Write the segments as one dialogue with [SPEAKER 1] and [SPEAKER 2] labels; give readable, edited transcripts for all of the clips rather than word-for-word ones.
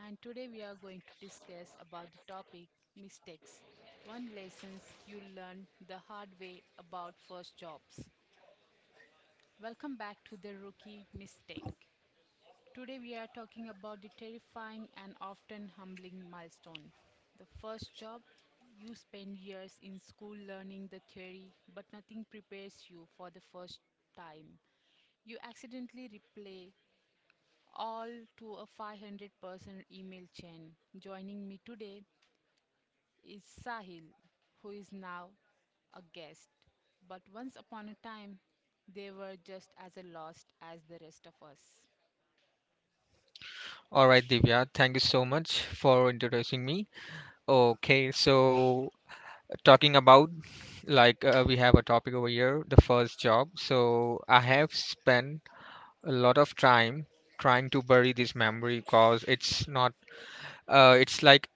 [SPEAKER 1] and today we are going to discuss about the topic mistakes. One lessons you learn the hard way about first jobs. Welcome back to the rookie mistake. Today we are talking about the terrifying and often humbling milestone. The first job, you spend years in school learning the theory, but nothing prepares you for the first time. You accidentally replay all to a 500% email chain. Joining me today is Sahil, who is now a guest. But once upon a time, they were just as lost as the rest of us.
[SPEAKER 2] All right, Divya, thank you so much for introducing me. Okay, so talking about like we have a topic over here, the first job. So I have spent a lot of time trying to bury this memory because it's not it's like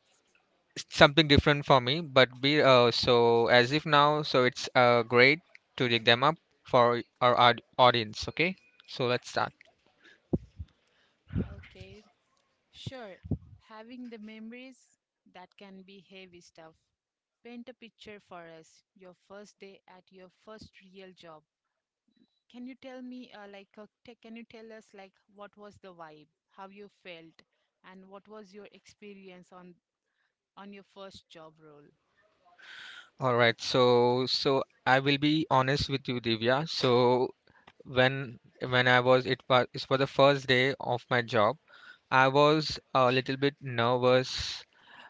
[SPEAKER 2] something different for me, but be so as if now, so it's great to dig them up for our audience, okay? So let's start.
[SPEAKER 1] Okay, sure. Having the memories, that can be heavy stuff. Paint a picture for us your first day at your first real job. Can you tell me, can you tell us, like, what was the vibe, how you felt, and what was your experience on your first job role?
[SPEAKER 2] All right, so I will be honest with you, Divya. So when when I was it was the first day of my job. I was a little bit nervous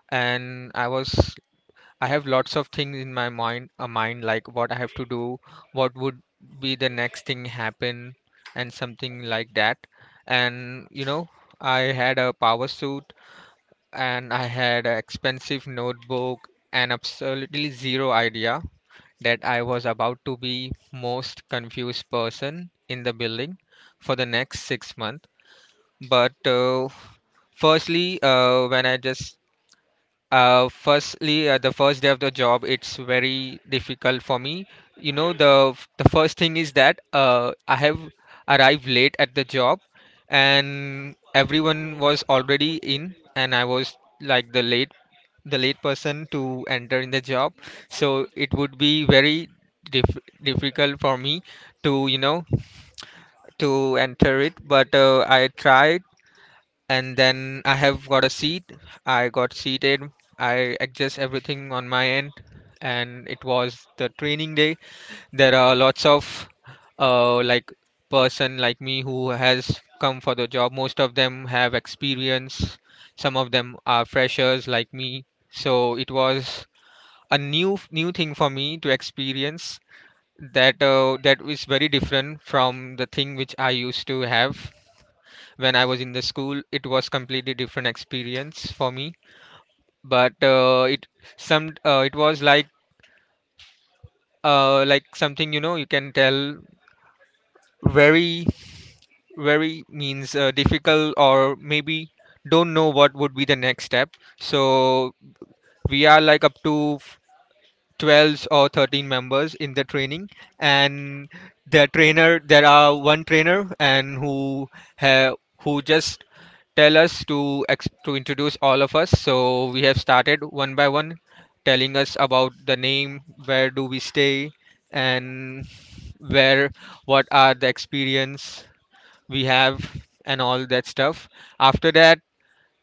[SPEAKER 2] and I have lots of things in my mind a mind like what I have to do, what would be the next thing happen and something like that. And I had a power suit and I had an expensive notebook and absolutely zero idea that I was about to be most confused person in the building for the next 6 months. But firstly, when I just firstly the first day of the job, it's very difficult for me. You know, the the first thing is that I have arrived late at the job, and everyone was already in, and I was like the late person to enter in the job, so it would be very difficult for me to to enter it, but I tried, and then I have got a seat, I got seated, I adjust everything on my end, and it was the training day. There are lots of like person like me who has come for the job. Most of them have experience, some of them are freshers like me, so it was a new thing for me to experience that is very different from the thing which I used to have when I was in the school. It was completely different experience for me, but it was like something, you can tell very, very means, difficult, or maybe don't know what would be the next step. So we are like up to 12 or 13 members in the training, and the trainer, there are one trainer, and who ha- who just tell us to to introduce all of us. So we have started one by one telling us about the name, where do we stay, and where what are the experience we have, and all that stuff. After that,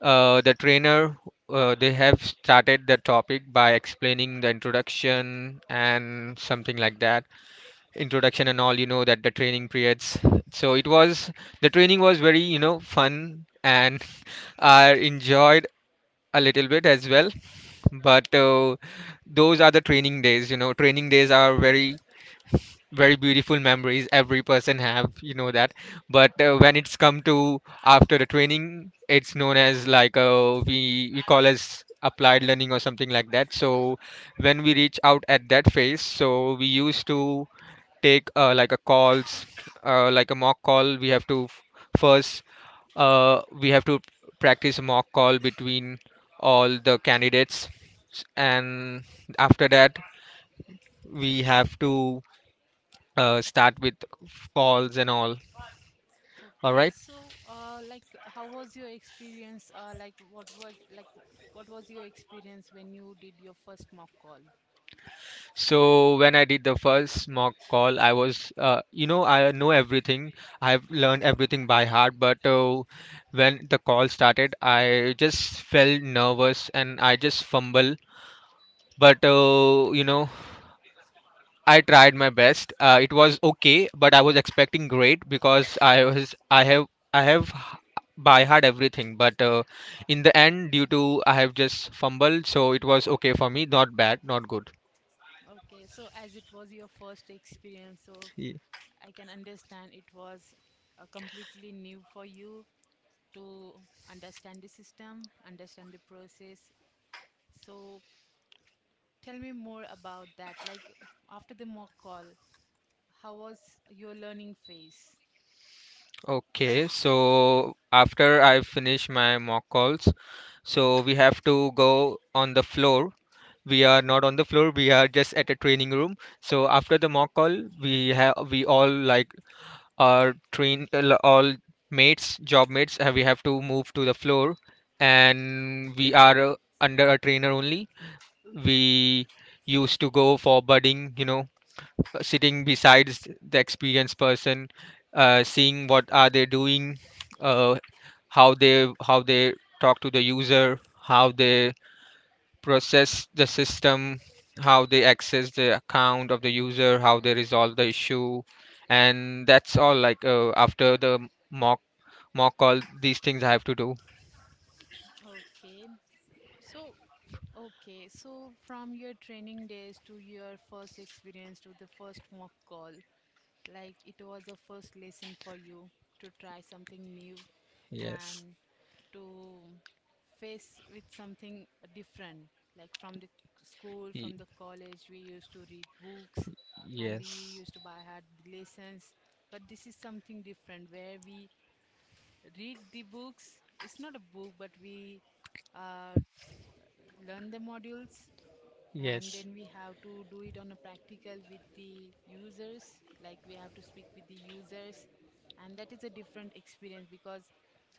[SPEAKER 2] the trainer, they have started the topic by explaining the introduction and something like that, introduction and all, you know, that the training periods. So it was the training was very, you know, fun. And I enjoyed a little bit as well. But those are the training days, you know, training days are very, very beautiful memories every person have, you know that. But when it's come to after the training, it's known as like we call as applied learning or something like that. So when we reach out at that phase, so we used to take like a calls, like a mock call. We have to first, we have to practice a mock call between all the candidates, and after that we have to start with calls and all. All
[SPEAKER 1] Okay,
[SPEAKER 2] right.
[SPEAKER 1] so, like, how was your experience? Like, what was like, what was your experience when you did your first mock call?
[SPEAKER 2] So when I did the first mock call, I know everything. I've learned everything by heart. But when the call started, I just felt nervous and I just fumble. But I tried my best. It was okay, but I was expecting great because I have by heart everything. But in the end, due to I have just fumbled, so it was okay for me. Not bad, not good.
[SPEAKER 1] Okay, so as it was your first experience, so
[SPEAKER 2] Ye-
[SPEAKER 1] I can understand it was completely new for you to understand the system, understand the process. So, tell me more about that. Like, after the mock call, how was your learning phase?
[SPEAKER 2] Okay, so after I finish my mock calls, so we have to go on the floor. We are not on the floor. We are just at a training room. So after the mock call, we we all like. Our train all mates job mates, we have to move to the floor, and we are under a trainer only. We used to go for budding, sitting besides the experienced person, seeing what are they doing, uh, how they talk to the user, how they process the system, how they access the account of the user, how they resolve the issue, and that's all. Like after the mock call, these things I have to do.
[SPEAKER 1] Okay. So, okay. So, from your training days to your first experience to the first mock call, like it was a first lesson for you to try something new,
[SPEAKER 2] Yes,
[SPEAKER 1] and to face with something different, like from the school,
[SPEAKER 2] Y-
[SPEAKER 1] from the college we used to read books, and we
[SPEAKER 2] yes,
[SPEAKER 1] used to buy hard lessons, but this is something different where we read the books. It's not a book, but we uh, learn the modules, and
[SPEAKER 2] yes,
[SPEAKER 1] then we have to do it on a practical with the users, like we have to speak with the users, and that is a different experience because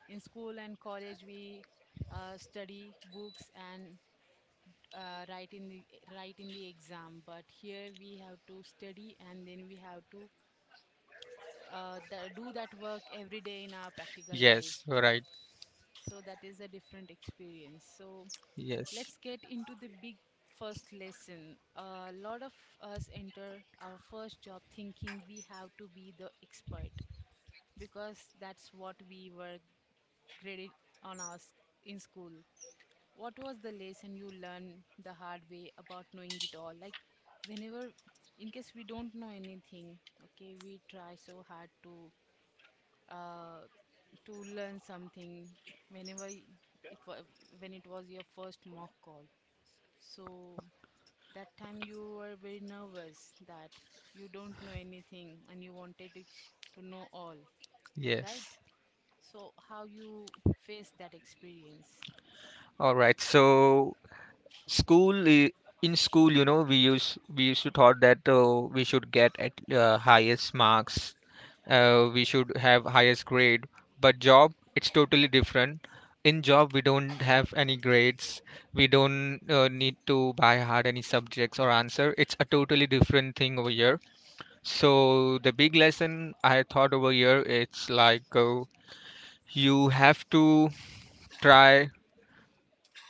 [SPEAKER 1] in school and college we study books and uh, write in the write in the exam, but here we have to study and then we have to do that work every day in our practical life.
[SPEAKER 2] yes. All right.
[SPEAKER 1] So that is a different experience. So
[SPEAKER 2] Yes,
[SPEAKER 1] let's get into the big first lesson. A lot of us enter our first job thinking we have to be the expert, because that's what we were graded on, in school. What was the lesson you learned the hard way about knowing it all? Like, whenever, in case we don't know anything, okay, we try so hard uh to learn something. Whenever it was, when it was your first mock call, so that time you were very nervous that you don't know anything and you wanted it to know all, right?
[SPEAKER 2] yes.
[SPEAKER 1] So how you face that experience?
[SPEAKER 2] All right. So school i- in school, we used to thought that we should get at highest marks, we should have highest grade. But job, it's totally different. In job we don't have any grades. We don't need to buy hard any subjects or answer. It's a totally different thing over here. So the big lesson I thought over here, it's like you have to try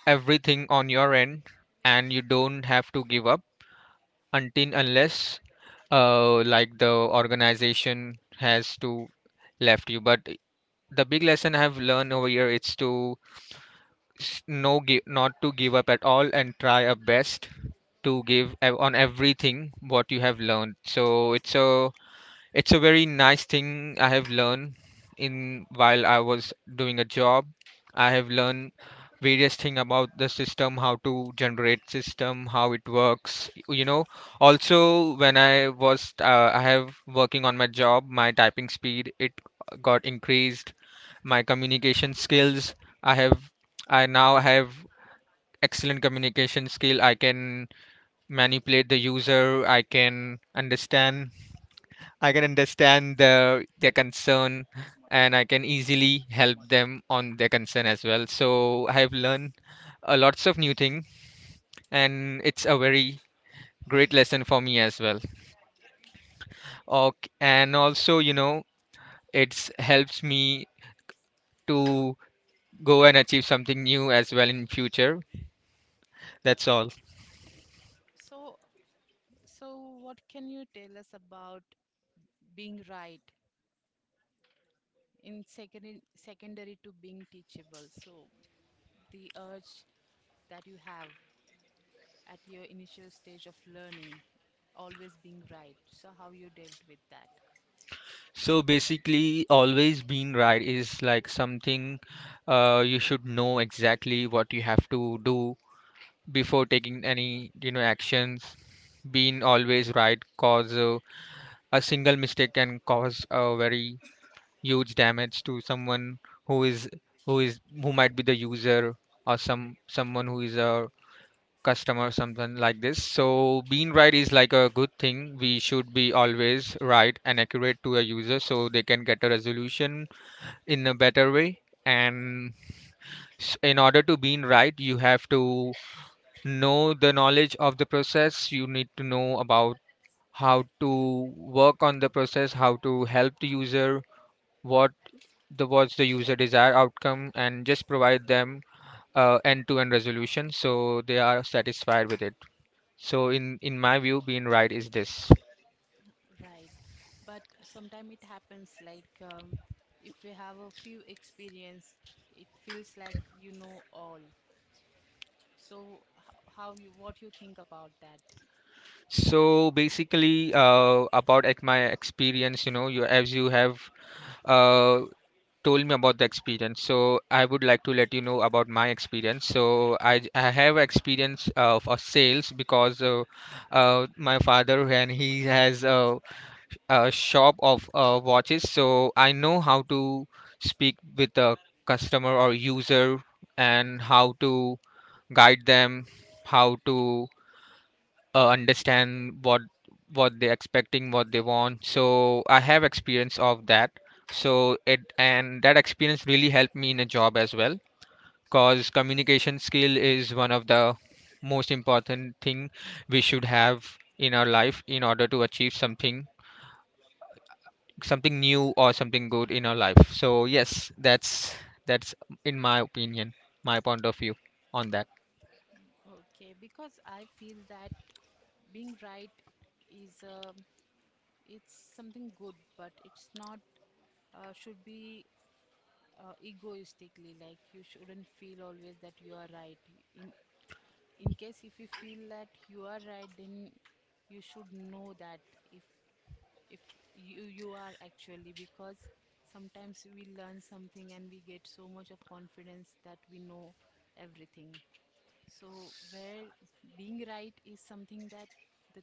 [SPEAKER 2] everything on your end, and you don't have to give up until unless like the organization has to left you. But the big lesson I've learned over here is to not to give up at all, and try our best to give on everything what you have learned. So it's a very nice thing I have learned in while I was doing a job. I have learned various thing about the system, how to generate system, how it works, also when I have working on my job, my typing speed, it got increased. My communication skills, i have I now have excellent communication skill. I can manipulate the user, I can understand their concern, and I can easily help them on their concern as well. So I have learned a lots of new thing, and it's a very great lesson for me as well. Okay, and also, it's helps me to go and achieve something new as well in future. That's all.
[SPEAKER 1] So, so what can you tell us about being right? In secondary, secondary to being teachable, so the urge that you have at your initial stage of learning, always being right, so how you dealt with that?
[SPEAKER 2] So basically, always being right is like something, you should know exactly what you have to do before taking any, actions. Being always right cause, a single mistake can cause a very huge damage to someone who is who might be the user, or someone who is a customer, something like this. So being right is like a good thing, we should be always right and accurate to a user so they can get a resolution in a better way. And in order to being right, you have to know the knowledge of the process. You need to know about how to work on the process, how to help the user, what what's the user desired outcome, and just provide them end-to-end resolution so they are satisfied with it. So in my view, being right is this.
[SPEAKER 1] Right, but sometimes it happens like if you have a few experience, it feels like you know all. So how you, what you think about that?
[SPEAKER 2] So basically, about at my experience, you as you have uh told me about the experience. So I would like to let you know about my experience. So I have experience of sales, because my father, and he has a shop of watches. So I know how to speak with a customer or user, and how to guide them, how to understand what they're expecting, what they want. So I have experience of that. So it and that experience really helped me in a job as well, because communication skill is one of the most important thing we should have in our life, in order to achieve something, something new or something good in our life. So yes, that's in my opinion, my point of view on that.
[SPEAKER 1] Okay, because I feel that being right is a, it's something good, but it's not should be egoistically. Like, you shouldn't feel always that you are right. in in case if you feel that you are right, then you should know that if if you are, actually, because sometimes we learn something and we get so much of confidence that we know everything. So where being right is something that the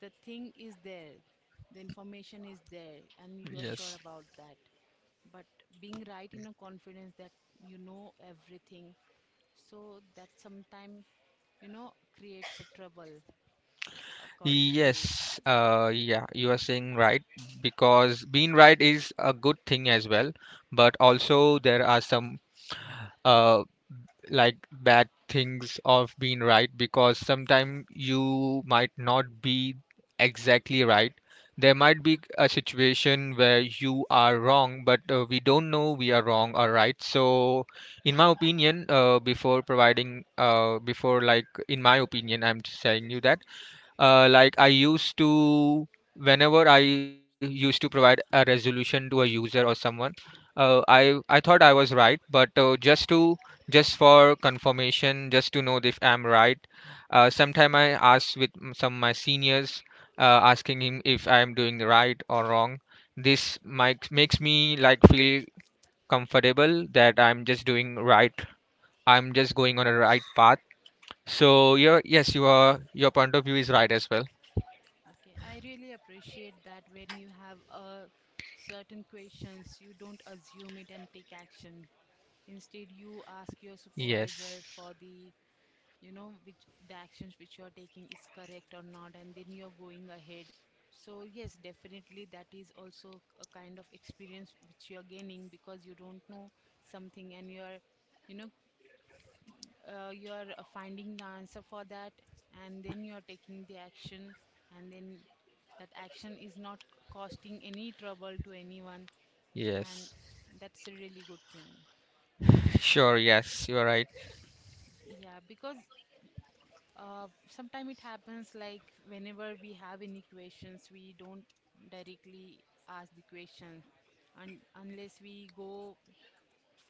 [SPEAKER 1] the thing is there, the information is there and you're sure
[SPEAKER 2] Yes.
[SPEAKER 1] about that. But being right in a confidence that you know everything, so that sometimes, you know, creates a trouble, according to me.
[SPEAKER 2] Yes, yeah, you are saying right, because being right is a good thing as well, but also there are some uh like bad things of being right, because sometimes you might not be exactly right. There might be a situation where you are wrong, but we don't know we are wrong or right. So, in my opinion, before like in my opinion, I'm just telling you that uh, like I used to, whenever I used to provide a resolution to a user or someone, I thought I was right, but just for confirmation, just to know if I'm right, sometime I ask with some my seniors, asking him if I am doing right or wrong. This might makes me like feel comfortable that I'm just doing right. I'm just going on a right path. So your yes, your point of view is right as well.
[SPEAKER 1] Okay, I really appreciate that. When you have a certain questions, you don't assume it and take action, instead you ask your
[SPEAKER 2] Yes.
[SPEAKER 1] supervisor for the, you know, which the actions which you are taking is correct or not, and then you are going ahead. So yes, definitely that is also a kind of experience which you are gaining, because you don't know something and you are, you know, you are finding the answer for that, and then you are taking the action, and then that action is not costing any trouble to anyone. And
[SPEAKER 2] Yes.
[SPEAKER 1] that's a really good thing.
[SPEAKER 2] Sure. Yes. You're right.
[SPEAKER 1] Yeah, because sometimes it happens like whenever we have any questions we don't directly ask the question, and unless we go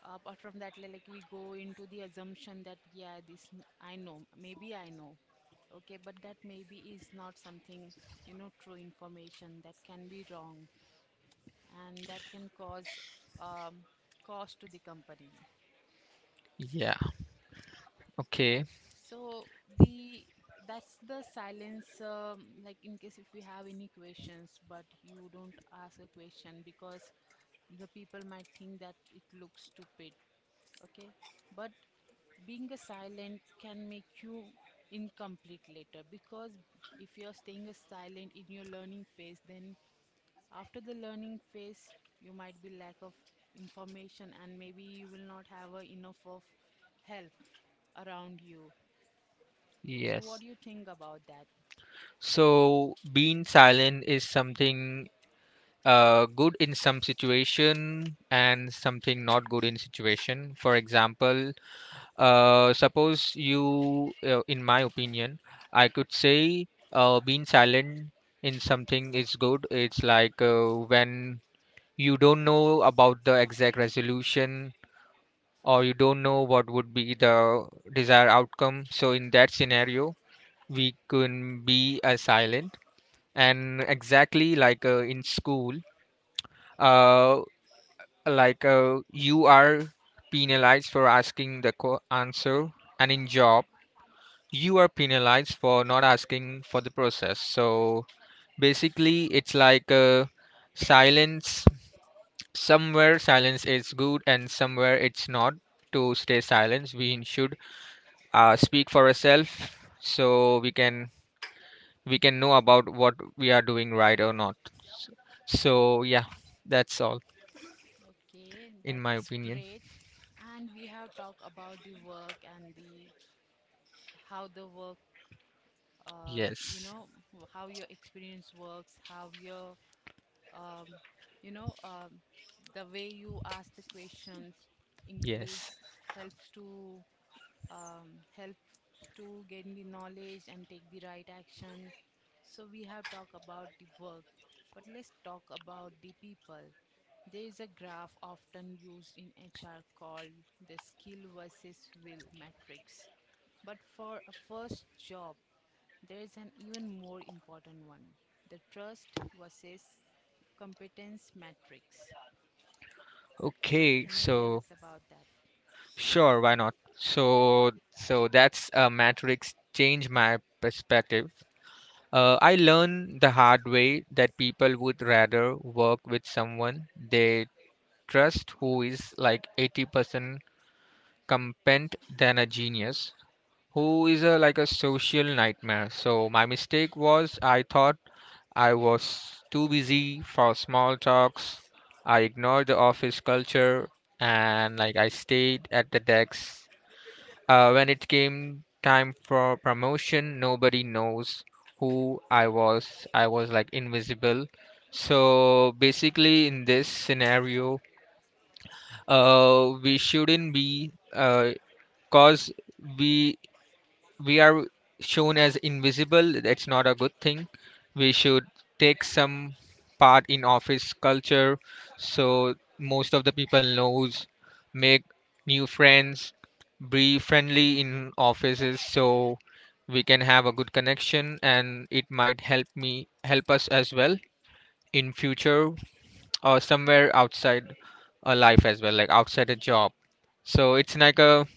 [SPEAKER 1] apart from that, like we go into the assumption that yeah, this I know, maybe I know. Okay, but that maybe is not something, you know, true information. That can be wrong, and that can cause um, cost to the company.
[SPEAKER 2] Yeah.
[SPEAKER 1] Okay,
[SPEAKER 2] Okay.
[SPEAKER 1] so the that's the silence. Like, in case if we have any questions, but you don't ask a question because the people might think that it looks stupid. Okay, but being a silent can make you incomplete later, because if you're staying a silent in your learning phase, then after the learning phase, you might be lack of information and maybe you will not have a enough of help around you. So, what
[SPEAKER 2] Yes.
[SPEAKER 1] do you think about that?
[SPEAKER 2] So being silent is something good in some situation and something not good in situation. For example, suppose you, in my opinion, I could say being silent in something is good. It's like when you don't know about the exact resolution or you don't know what would be the desired outcome. So in that scenario, we can be silent, and exactly like in school, uh, like you are penalized for asking the answer, and in job you are penalized for not asking for the process. So basically, it's like silence. Somewhere silence is good, and somewhere it's not. To stay silent, we should speak for yourself, so we can know about what we are doing right or not. So yeah, that's all
[SPEAKER 1] Okay,
[SPEAKER 2] in my
[SPEAKER 1] that's
[SPEAKER 2] opinion.
[SPEAKER 1] great. And we have talked about the work and the, how the work, you
[SPEAKER 2] Yes.
[SPEAKER 1] know, how your experience works, how your, um, you know, the way you ask the questions
[SPEAKER 2] Yes.
[SPEAKER 1] increase, helps to, helps to gain the knowledge and take the right action. So we have talked about the work, but let's talk about the people. There is a graph often used in HR called the skill versus will matrix. But for a first job, there is an even more important one, the trust versus competence matrix. So,
[SPEAKER 2] Okay.
[SPEAKER 1] can you tell
[SPEAKER 2] So
[SPEAKER 1] us about that?
[SPEAKER 2] sure, why not? So so that's a matrix, change my perspective. I learned the hard way that people would rather work with someone they trust who is like 80% competent than a genius who is a like a social nightmare. So my mistake was, I thought I was too busy for small talks. I ignored the office culture, and like I stayed at the desk. When it came time for promotion, nobody knows who I was. I was like invisible. So basically, in this scenario, we shouldn't be cause we we are shown as invisible. That's not a good thing. We should take some part in office culture, so most of the people knows. Make new friends, be friendly in offices, so we can have a good connection, and it might help me, help us as well in future, or somewhere outside a life as well, like outside a job. So it's like a,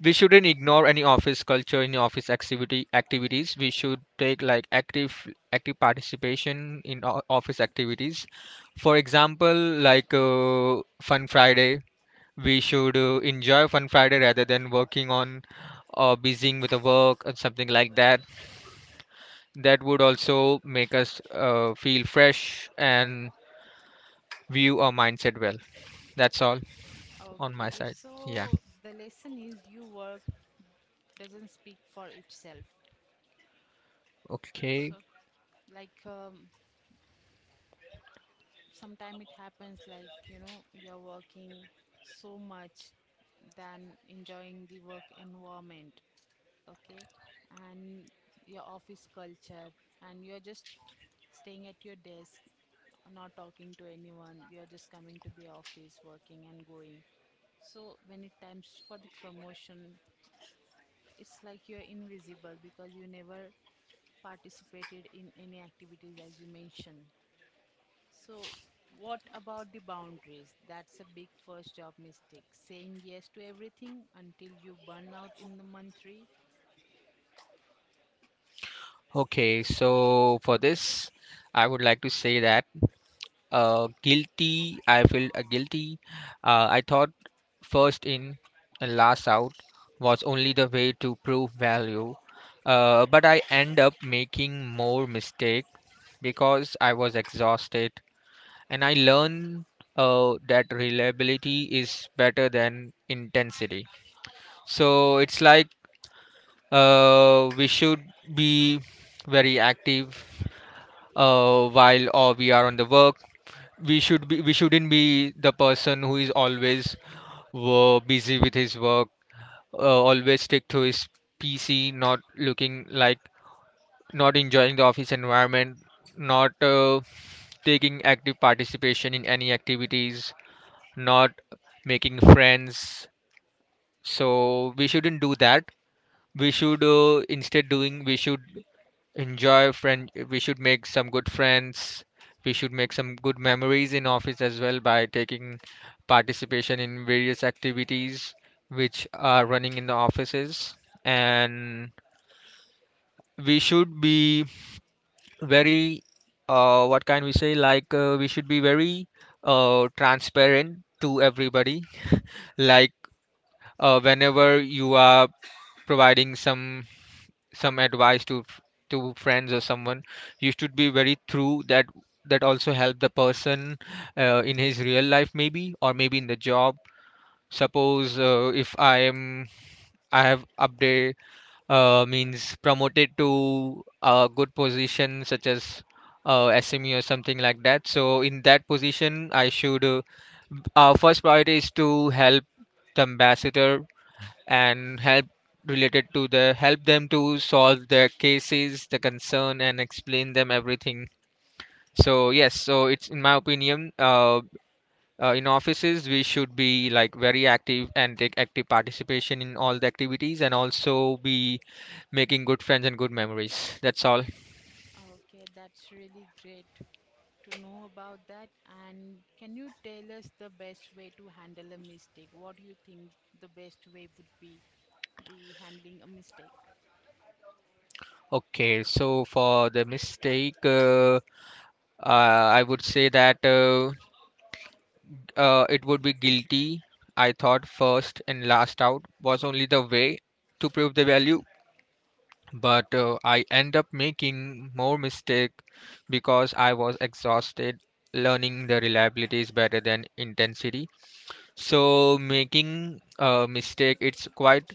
[SPEAKER 2] we shouldn't ignore any office culture, any office activity activities. We should take like active participation in office activities. For example, like fun Friday. We should enjoy fun Friday rather than working on, or busying with the work or something like that. That would also make us feel fresh and view our mindset well. That's all on my
[SPEAKER 1] Okay,
[SPEAKER 2] side. Yeah.
[SPEAKER 1] so the lesson is you work doesn't speak for itself.
[SPEAKER 2] Okay.
[SPEAKER 1] So, like, sometimes it happens like, you know, you're working so much than enjoying the work environment, okay, and your office culture, and you're just staying at your desk, not talking to anyone. You're just coming to the office, working and going. So when it times for the promotion, it's like you're invisible, because you never participated in any activities, as you mentioned. So, what about the boundaries? That's a big first job mistake. Saying yes to everything until you burn out in the month three.
[SPEAKER 2] Okay, so for this, I would like to say that guilty. I felt guilty. I thought first in and last out was only the way to prove value, but I end up making more mistake because I was exhausted, and I learned that reliability is better than intensity. So it's like we should be very active while or we are on the work. We shouldn't be the person who is always busy with his work, always stick to his PC, not looking like, not enjoying the office environment, not taking active participation in any activities, not making friends. So we shouldn't do that. We should instead doing, we should enjoy friend, we should make some good friends. We should make some good memories in office as well by taking participation in various activities which are running in the offices. And we should be very what can we say, like we should be very transparent to everybody. Like whenever you are providing some advice to to friends or someone, you should be very true, that that also help the person in his real life, maybe, or maybe in the job. Suppose if I am, I have update, means promoted to a good position such as SME or something like that. So in that position, I should our first priority is to help the ambassador and help related to the, help them to solve their cases, the concern, and explain them everything. So yes, so it's in my opinion, in offices we should be like very active and take active participation in all the activities, and also be making good friends and good memories. That's all.
[SPEAKER 1] Okay, that's really great to know about that. And can you tell us the best way to handle a mistake? What do you think the best way would be? The handling a mistake.
[SPEAKER 2] Okay, so for the mistake, I would say that. It would be guilty. I thought first and last out was only the way to prove the value. But I end up making more mistake because I was exhausted. Learning the reliability is better than intensity. So making a mistake, it's quite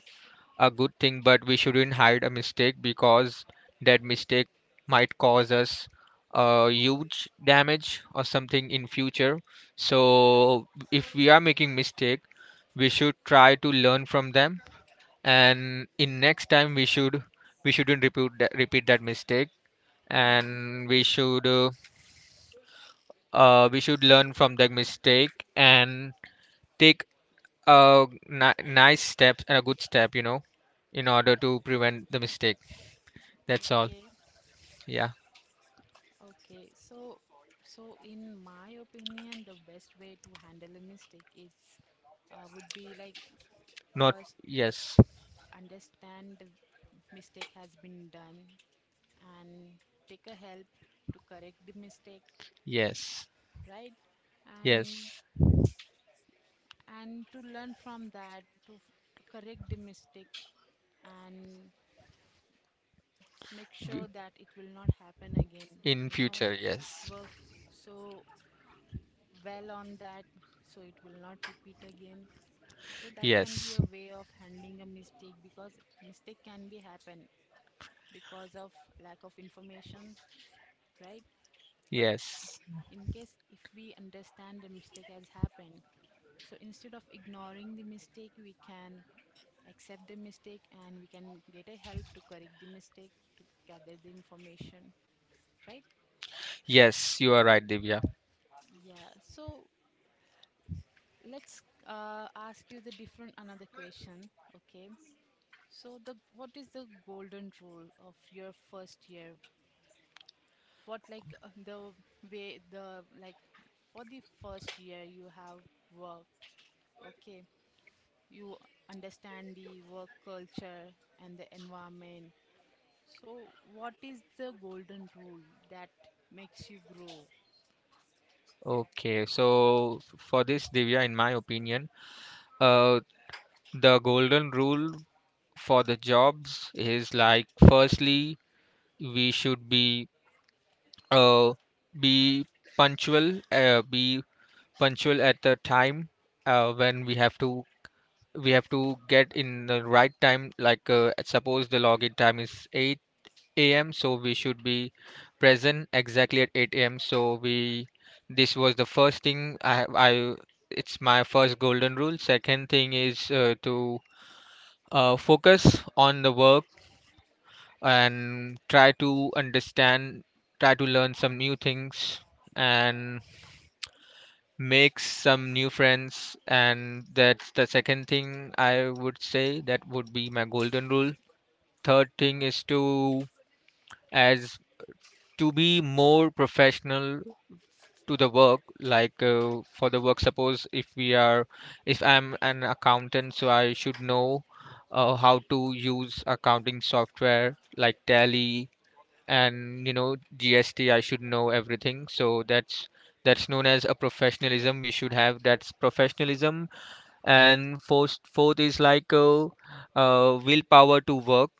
[SPEAKER 2] a good thing, but we shouldn't hide a mistake because that mistake might cause us a huge damage or something in future. So if we are making mistake, we should try to learn from them, and in next time we shouldn't repeat that mistake,
[SPEAKER 1] Hmm.
[SPEAKER 2] and we should learn from that mistake and take a nice steps and a good step, you know, in order to prevent the mistake. That's all.
[SPEAKER 1] Okay,
[SPEAKER 2] Yeah.
[SPEAKER 1] okay. So, so in my opinion, the best way to handle a mistake is would be like,
[SPEAKER 2] Not
[SPEAKER 1] first,
[SPEAKER 2] yes.
[SPEAKER 1] understand the mistake has been done, and take a help to correct the mistake,
[SPEAKER 2] Yes.
[SPEAKER 1] right? and
[SPEAKER 2] Yes.
[SPEAKER 1] and to learn from that, to correct the mistake and make
[SPEAKER 2] B-
[SPEAKER 1] sure that it will not happen again,
[SPEAKER 2] in
[SPEAKER 1] you know,
[SPEAKER 2] future, yes.
[SPEAKER 1] work so well on that, so it will not repeat again. So that can be
[SPEAKER 2] Yes.
[SPEAKER 1] a way of handling a mistake. Because mistake can be happen because of lack of information, right? But
[SPEAKER 2] Yes.
[SPEAKER 1] in case if we understand the mistake has happened, so instead of ignoring the mistake, we can accept the mistake and we can get a help to correct the mistake, to gather the information, right?
[SPEAKER 2] Yes, you are right, Divya.
[SPEAKER 1] Yeah. So let's ask you the different another question. Okay, so the, what is the golden rule of your first year? What, like, the way, the, like, for the first year you have worked, okay, you understand the work culture and the environment. So, what is the golden rule that makes you grow?
[SPEAKER 2] Okay. So for this, Divya, in my opinion, uh the golden rule for the jobs is like firstly, we should uh be be punctual at the time when we have to, we have to get in the right time, like suppose the login time is 8 a.m., so we should be present exactly at 8 a.m. So we, this was the first thing, I it's my first golden rule. Second thing is to focus on the work and try to understand, try to learn some new things and make some new friends. And that's the second thing, I would say that would be my golden rule. Third thing is to, as to be more professional to the work, like for the work, suppose if we are, if I'm an accountant, so I should know how to use accounting software like Tally, and you know GST, I should know everything. So that's known as a professionalism, we should have, that's professionalism. And fourth is like willpower to work.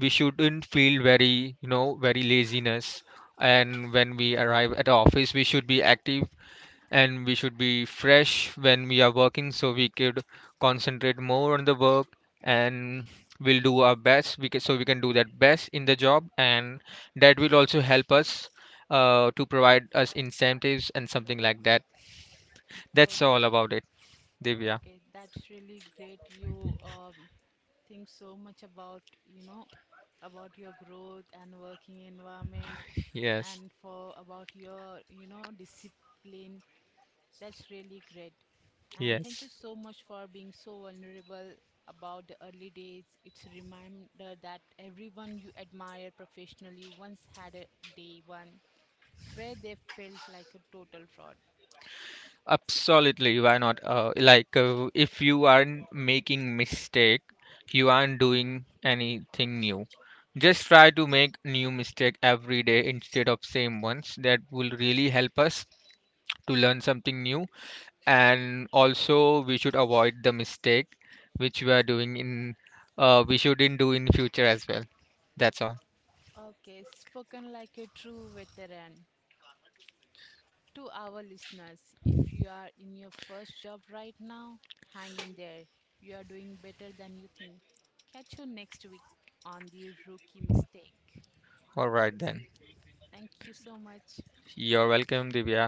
[SPEAKER 2] We shouldn't feel very, you know, very laziness, and when we arrive at the office we should be active, and we should be fresh when we are working, so we could concentrate more on the work, and we'll do our best we can, so we can do that best in the job, and that will also help us to provide us incentives and something like that. That's
[SPEAKER 1] Okay,
[SPEAKER 2] all about it, Divya.
[SPEAKER 1] okay, that's really great. You, think so much about, you know, about your growth and working environment,
[SPEAKER 2] Yes.
[SPEAKER 1] and for about your, you know, discipline. That's really great. And thank you
[SPEAKER 2] Yes.
[SPEAKER 1] so much for being so vulnerable about the early days. It's a reminder that everyone you admire professionally once had a day one where they felt like a total fraud.
[SPEAKER 2] Absolutely, why not? Like, if you aren't making mistake, you aren't doing anything new. Just try to make new mistake every day instead of same ones. That will really help us to learn something new. And also, we should avoid the mistake which we are doing in, we shouldn't do in future as well. That's all.
[SPEAKER 1] Okay, spoken like a true veteran. To our listeners, if you are in your first job right now, hang in there. You are doing better than you think. Catch you next week on the rookie mistake.
[SPEAKER 2] All right then.
[SPEAKER 1] Thank you so much.
[SPEAKER 2] You're welcome, Divya.